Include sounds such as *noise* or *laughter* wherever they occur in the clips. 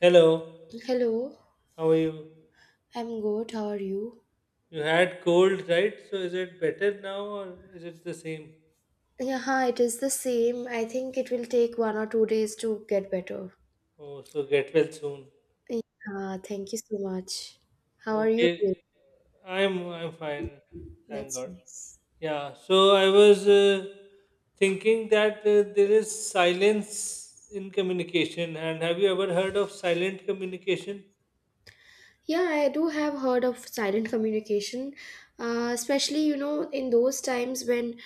Hello, Hello, how are you? I'm good. How are you? You had cold, right? So is it better now or is it the same? Yeah, it is the same. I think it will take 1 or 2 days to get better. Oh, so get well soon. O- Yeah, thank you so much. How are you Okay, doing? I'm fine. Thank That's God. nice. Yeah, so I was thinking that there is silence in communication and have you ever heard of silent communication? Yeah, I do have heard of silent communication, especially, you know, in those times when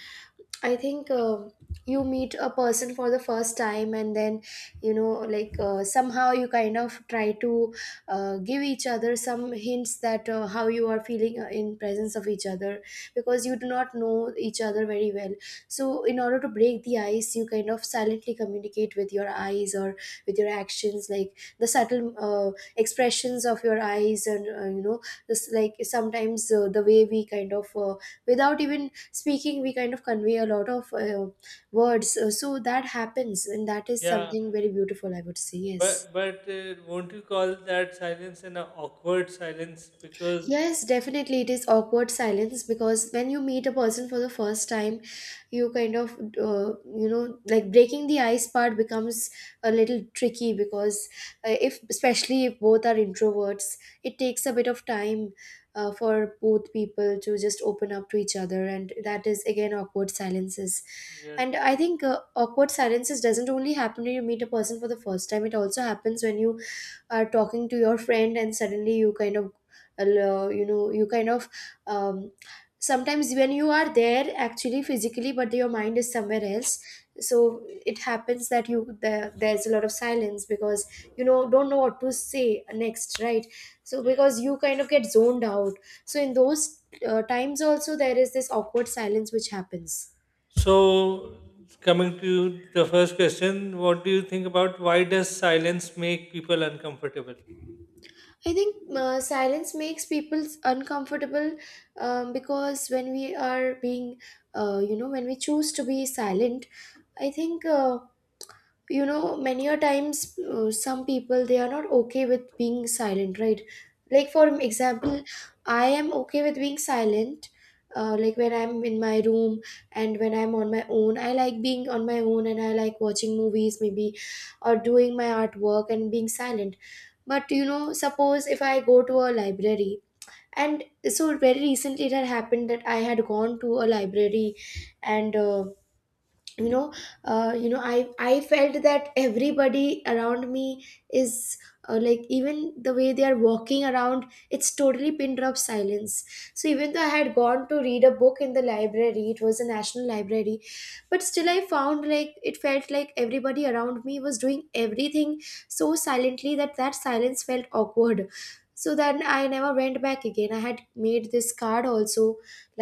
I think you meet a person for the first time, and then you know, somehow you kind of try to give each other some hints that how you are feeling in presence of each other because you do not know each other very well. So, in order to break the ice, you kind of silently communicate with your eyes or with your actions, like the subtle expressions of your eyes, and you know, this like sometimes the way we kind of without even speaking we kind of convey a lot of words so, so that happens, and that is Yeah, something very beautiful, I would say. Yes, but won't you call that silence an awkward silence because yes, definitely. It is awkward silence because when you meet a person for the first time, you kind of, you know, like breaking the ice part becomes a little tricky because if, especially if both are introverts, it takes a bit of time for both people to just open up to each other. And yeah, that is, again, awkward silences. you're And I right. think uh, awkward silences doesn't only happen when you meet a person for the first time, it also happens when you are talking to your friend and suddenly you kind of you know you kind of um, sometimes when you are there actually physically but your mind is somewhere else, so it happens that there's a lot of silence because you know, don't know what to say next, right? So because Yes. you kind of get zoned out, so in those times also there is this awkward silence which happens. So, coming to the first question, what do you think about why does silence make people uncomfortable? I think silence makes people uncomfortable, because when we are being, you know, when we choose to be silent, I think, you know, many a times some people they are not okay with being silent, right? Like, for example, I am okay with being silent. Like when I'm in my room and when I'm on my own, I like being on my own and I like watching movies, maybe, or doing my artwork and being silent, but you know, suppose if I go to a library, and so very recently it had happened that I had gone to a library, and you know I felt that everybody around me is like even the way they are walking around, it's totally pin drop silence. So even though I had gone to read a book in the library, it was a national library, but still I found like it felt like everybody around me was doing everything so silently that that silence felt awkward. So then I never went back again. I had made this card also,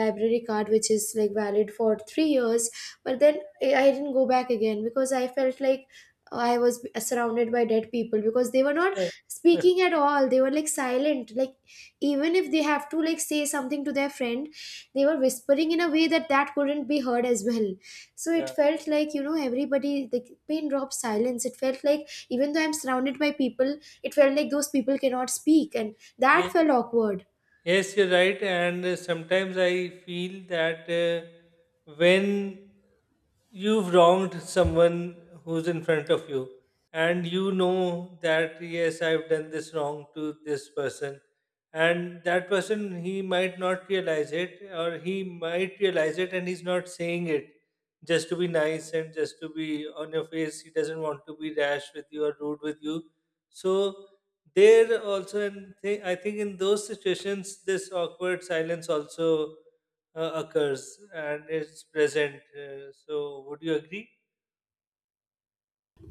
library card, which is like valid for 3 years, but then I didn't go back again because I felt like I was surrounded by dead people because they were not speaking *laughs* at all. They were like silent. Like, even if they have to like say something to their friend, they were whispering in a way that that couldn't be heard as well. So it Yeah. felt like, you know, everybody, the pain drop silence. It felt like even though I'm surrounded by people, it felt like those people cannot speak, and that Ye- felt awkward. Yes, you're right. And sometimes I feel that when you've wronged someone who's in front of you, and you know that yes, I've done this wrong to this person, and that person, he might not realize it, or he might realize it and he's not saying it just to be nice, and just to be on your face he doesn't want to be rash with you or rude with you. So there also, and I think in those situations this awkward silence also occurs and is present. So, would you agree?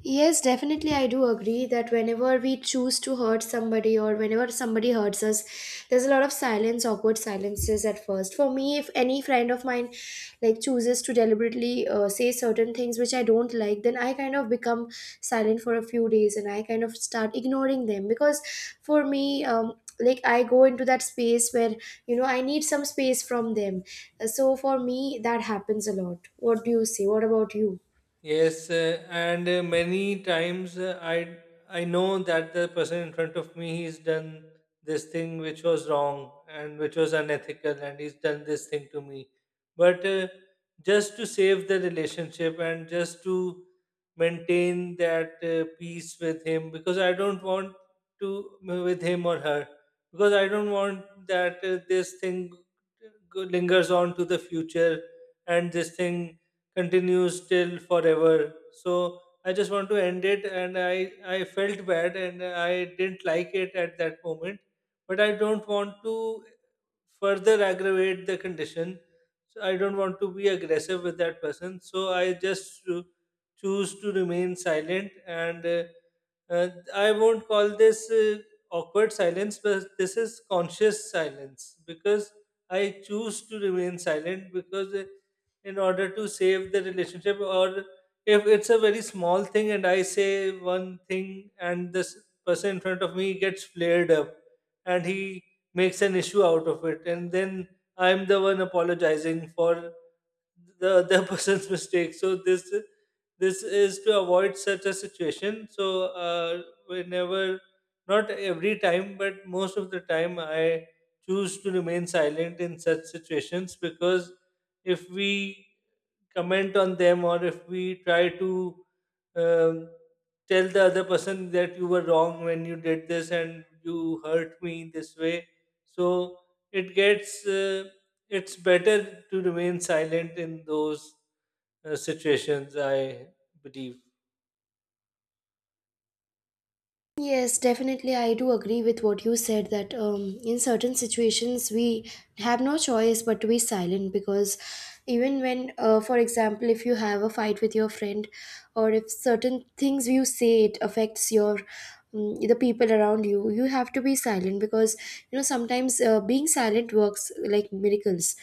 Yes, definitely. I do agree that whenever we choose to hurt somebody or whenever somebody hurts us, there's a lot of silence, awkward silences at first. For me, if any friend of mine like chooses to deliberately say certain things which I don't like, then I kind of become silent for a few days and I kind of start ignoring them because for me, like I go into that space where you know I need some space from them. So for me, that happens a lot. What do you say? What about you? Yes, and many times I know that the person in front of me, he's done this thing which was wrong and which was unethical, and he's done this thing to me. But just to save the relationship, and just to maintain that peace with him, because I don't want to with him or her, because I don't want that this thing lingers on to the future and this thing continues till forever. So I just want to end it, and I felt bad, and I didn't like it at that moment, but I don't want to further aggravate the condition. So I don't want to be aggressive with that person. So I just choose to remain silent, and uh, I won't call this awkward silence, but this is conscious silence because I choose to remain silent because in order to save the relationship, or if it's a very small thing and I say one thing and this person in front of me gets flared up and he makes an issue out of it, and then I'm the one apologizing for the other *laughs* person's mistake. So this is to avoid such a situation. So uh, whenever, not every time but most of the time, I choose to remain silent in such situations, because if we comment on them, or if we try to um, tell the other person that you were wrong when you did this and you hurt me this way, so it gets it's better to remain silent in those situations, I believe. Yes, definitely. I do agree with what you said that in certain situations we have no choice but to be silent because even when, for example, if you have a fight with your friend or if certain things you say it affects your, the people around you, you have to be silent because you know sometimes being silent works like miracles.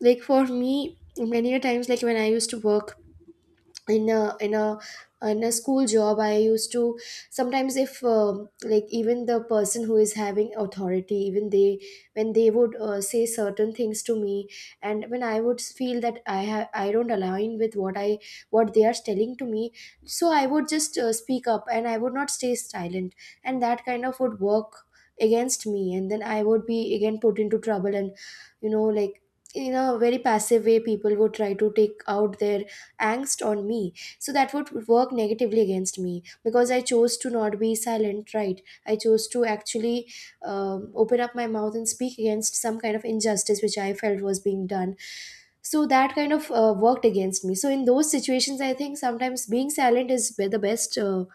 Like for me, many a times, like when I used to work in a in a in a school job, I used to sometimes, if like even the person who is having authority, even they, when they would say certain things to me and when I would feel that I don't align with what I what they are telling to me, so I would just speak up and I would not stay silent, and that kind of would work against me, and then I would be again put into trouble and you know, like in a very passive way people would try to take out their angst on me, so that would work negatively against me because I chose to not be silent, right? I chose to actually open up my mouth and speak against some kind of injustice which I felt was being done. So that kind of worked against me. So in those situations I think sometimes being silent is the best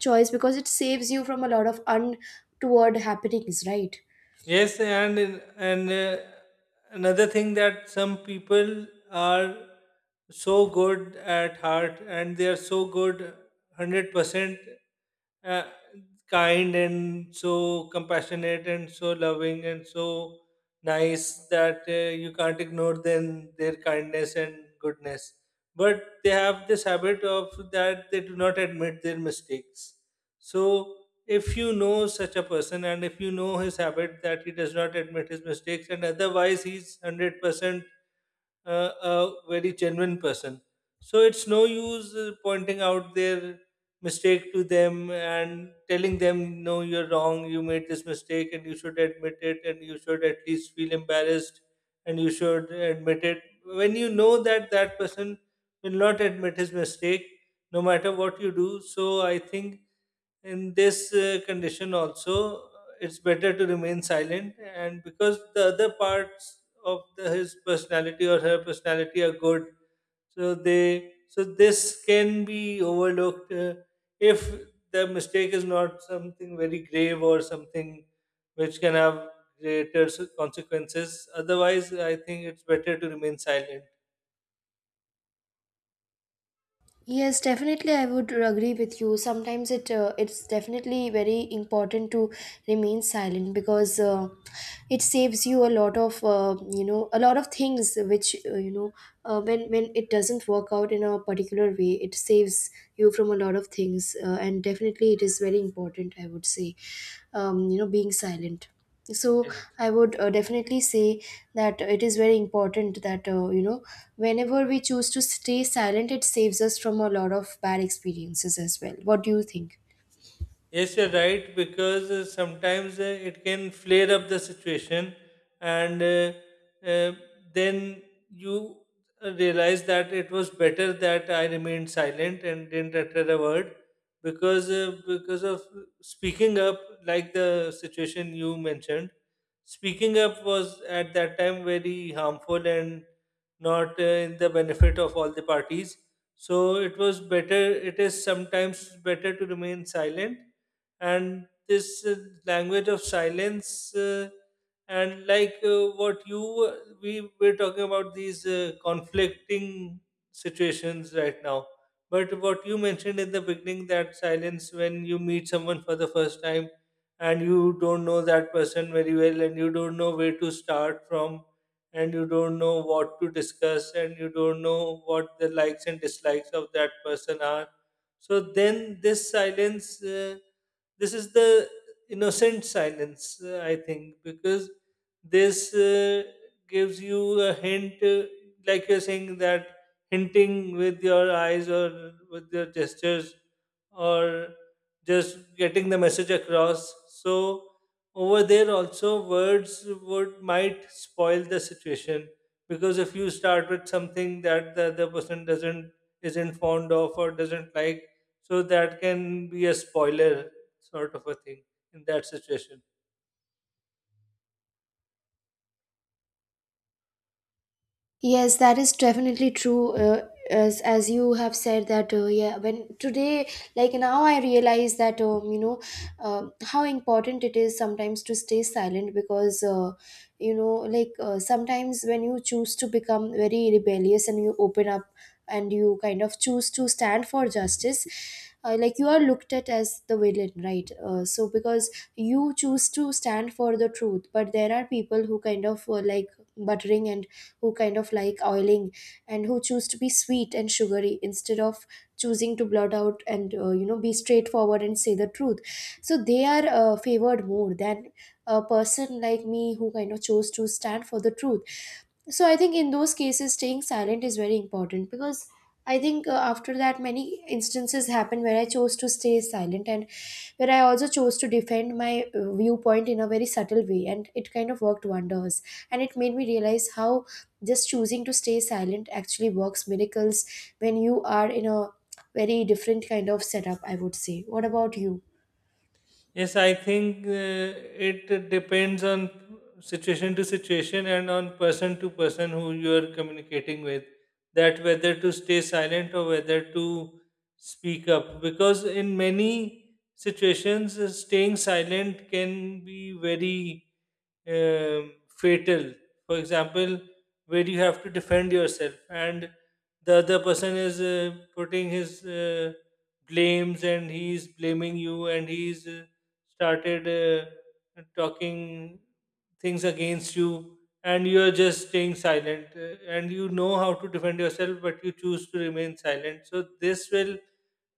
choice because it saves you from a lot of untoward happenings, right? Yes, and in, and another thing, that some people are so good at heart, and they are so good, 100% uh, kind and so compassionate and so loving and so nice, that you can't ignore them, their kindness and goodness, but they have this habit of that they do not admit their mistakes. So if you know such a person, and if you know his habit that he does not admit his mistakes, and otherwise he's 100% a very genuine person. So it's no use pointing out their mistake to them and telling them, no, you're wrong, you made this mistake and you should admit it and you should at least feel embarrassed and you should admit it. When you know that that person will not admit his mistake, no matter what you do. So I think in this condition also, it's better to remain silent, and because the other parts of the, his personality or her personality are good, so they so this can be overlooked if the mistake is not something very grave, or something which can have greater consequences. Otherwise I think it's better to remain silent. Yes, definitely, I would agree with you. Sometimes it's definitely very important to remain silent because it saves you a lot of, you know, a lot of things which, you know, when it doesn't work out in a particular way, it saves you from a lot of things, and definitely it is very important. I would say, you know, being silent, so I would definitely say that it is very important that, you know, whenever we choose to stay silent it saves us from a lot of bad experiences as well. What do you think? Yes, you're right, because sometimes it can flare up the situation, and uh, then you realize that it was better that I remained silent and didn't utter a word, because of speaking up, like the situation you mentioned, speaking up was at that time very harmful and not in the benefit of all the parties. So it was better. It is sometimes better to remain silent. And this language of silence, and what you we were talking about, these conflicting situations right now, but what you mentioned in the beginning, that silence when you meet someone for the first time and you don't know that person very well and you don't know where to start from and you don't know what to discuss and you don't know what the likes and dislikes of that person are, so then this silence, this is the innocent silence, I think, because this uh, gives you a hint, like you're saying, that hinting with your eyes, or with your gestures, or just getting the message across. So over there also, words would might spoil the situation, because if you start with something that the other person doesn't isn't fond of or doesn't like, so that can be a spoiler sort of a thing in that situation. Yes, that is definitely true. As you have said that, yeah. When today, like now, I realize that, you know, how important it is sometimes to stay silent because, you know, like sometimes when you choose to become very rebellious and you open up and you kind of choose to stand for justice. Like you are looked at as the villain, right? So because you choose to stand for the truth, but there are people who kind of like buttering and who kind of like oiling and who choose to be sweet and sugary instead of choosing to blurt out and, you know, be straightforward and say the truth, so they are favored more than a person like me who kind of chose to stand for the truth. So I think in those cases staying silent is very important because I think after that many instances happen where I chose to stay silent and where I also chose to defend my viewpoint in a very subtle way, and it kind of worked wonders, and it made me realize how just choosing to stay silent actually works miracles when you are in a very different kind of setup, I would say. What about you? Yes, I think it depends on situation to situation, and on person to person who you are communicating with, that whether to stay silent or whether to speak up. Because in many situations, staying silent can be very fatal. For example, where you have to defend yourself and the other person is putting his blames and he's blaming you, and he's started talking things against you, and you are just staying silent and you know how to defend yourself but you choose to remain silent, so this will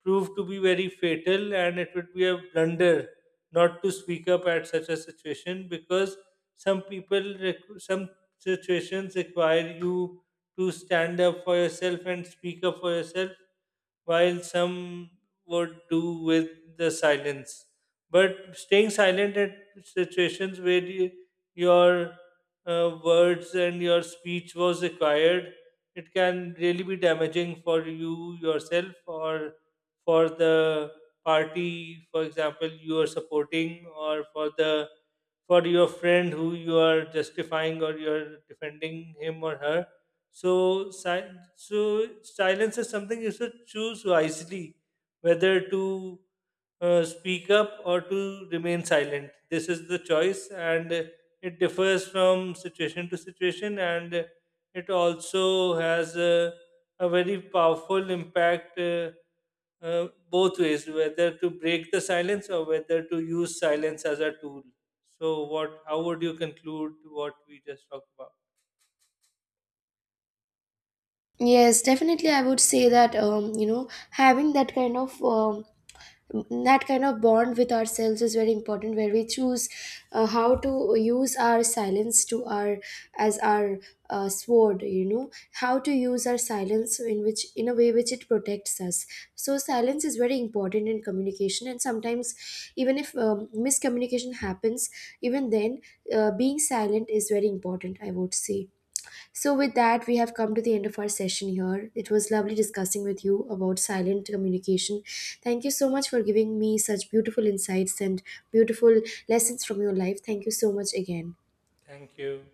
prove to be very fatal, and it would be a blunder not to speak up at such a situation, because some people some situations require you to stand up for yourself and speak up for yourself, while some would do with the silence. But staying silent at situations where you, your words and your speech was required, it can really be damaging for you yourself, or for the party, for example, you are supporting, or for the for your friend who you are justifying or you're defending him or her. So, so silence is something you should choose wisely, whether to speak up or to remain silent. This is the choice, and it differs from situation to situation, and it also has a very powerful impact, both ways, whether to break the silence or whether to use silence as a tool. So, what? How would you conclude what we just talked about? Yes, definitely, I would say that, you know, having that kind of, that kind of bond with ourselves is very important where we choose how to use our silence to our, as our sword, you know, how to use our silence in which in a way which it protects us. So silence is very important in communication, and sometimes even if, miscommunication happens, even then being silent is very important, I would say. So, with that, we have come to the end of our session here. It was lovely discussing with you about silent communication. Thank you so much for giving me such beautiful insights and beautiful lessons from your life. Thank you so much again. Thank you.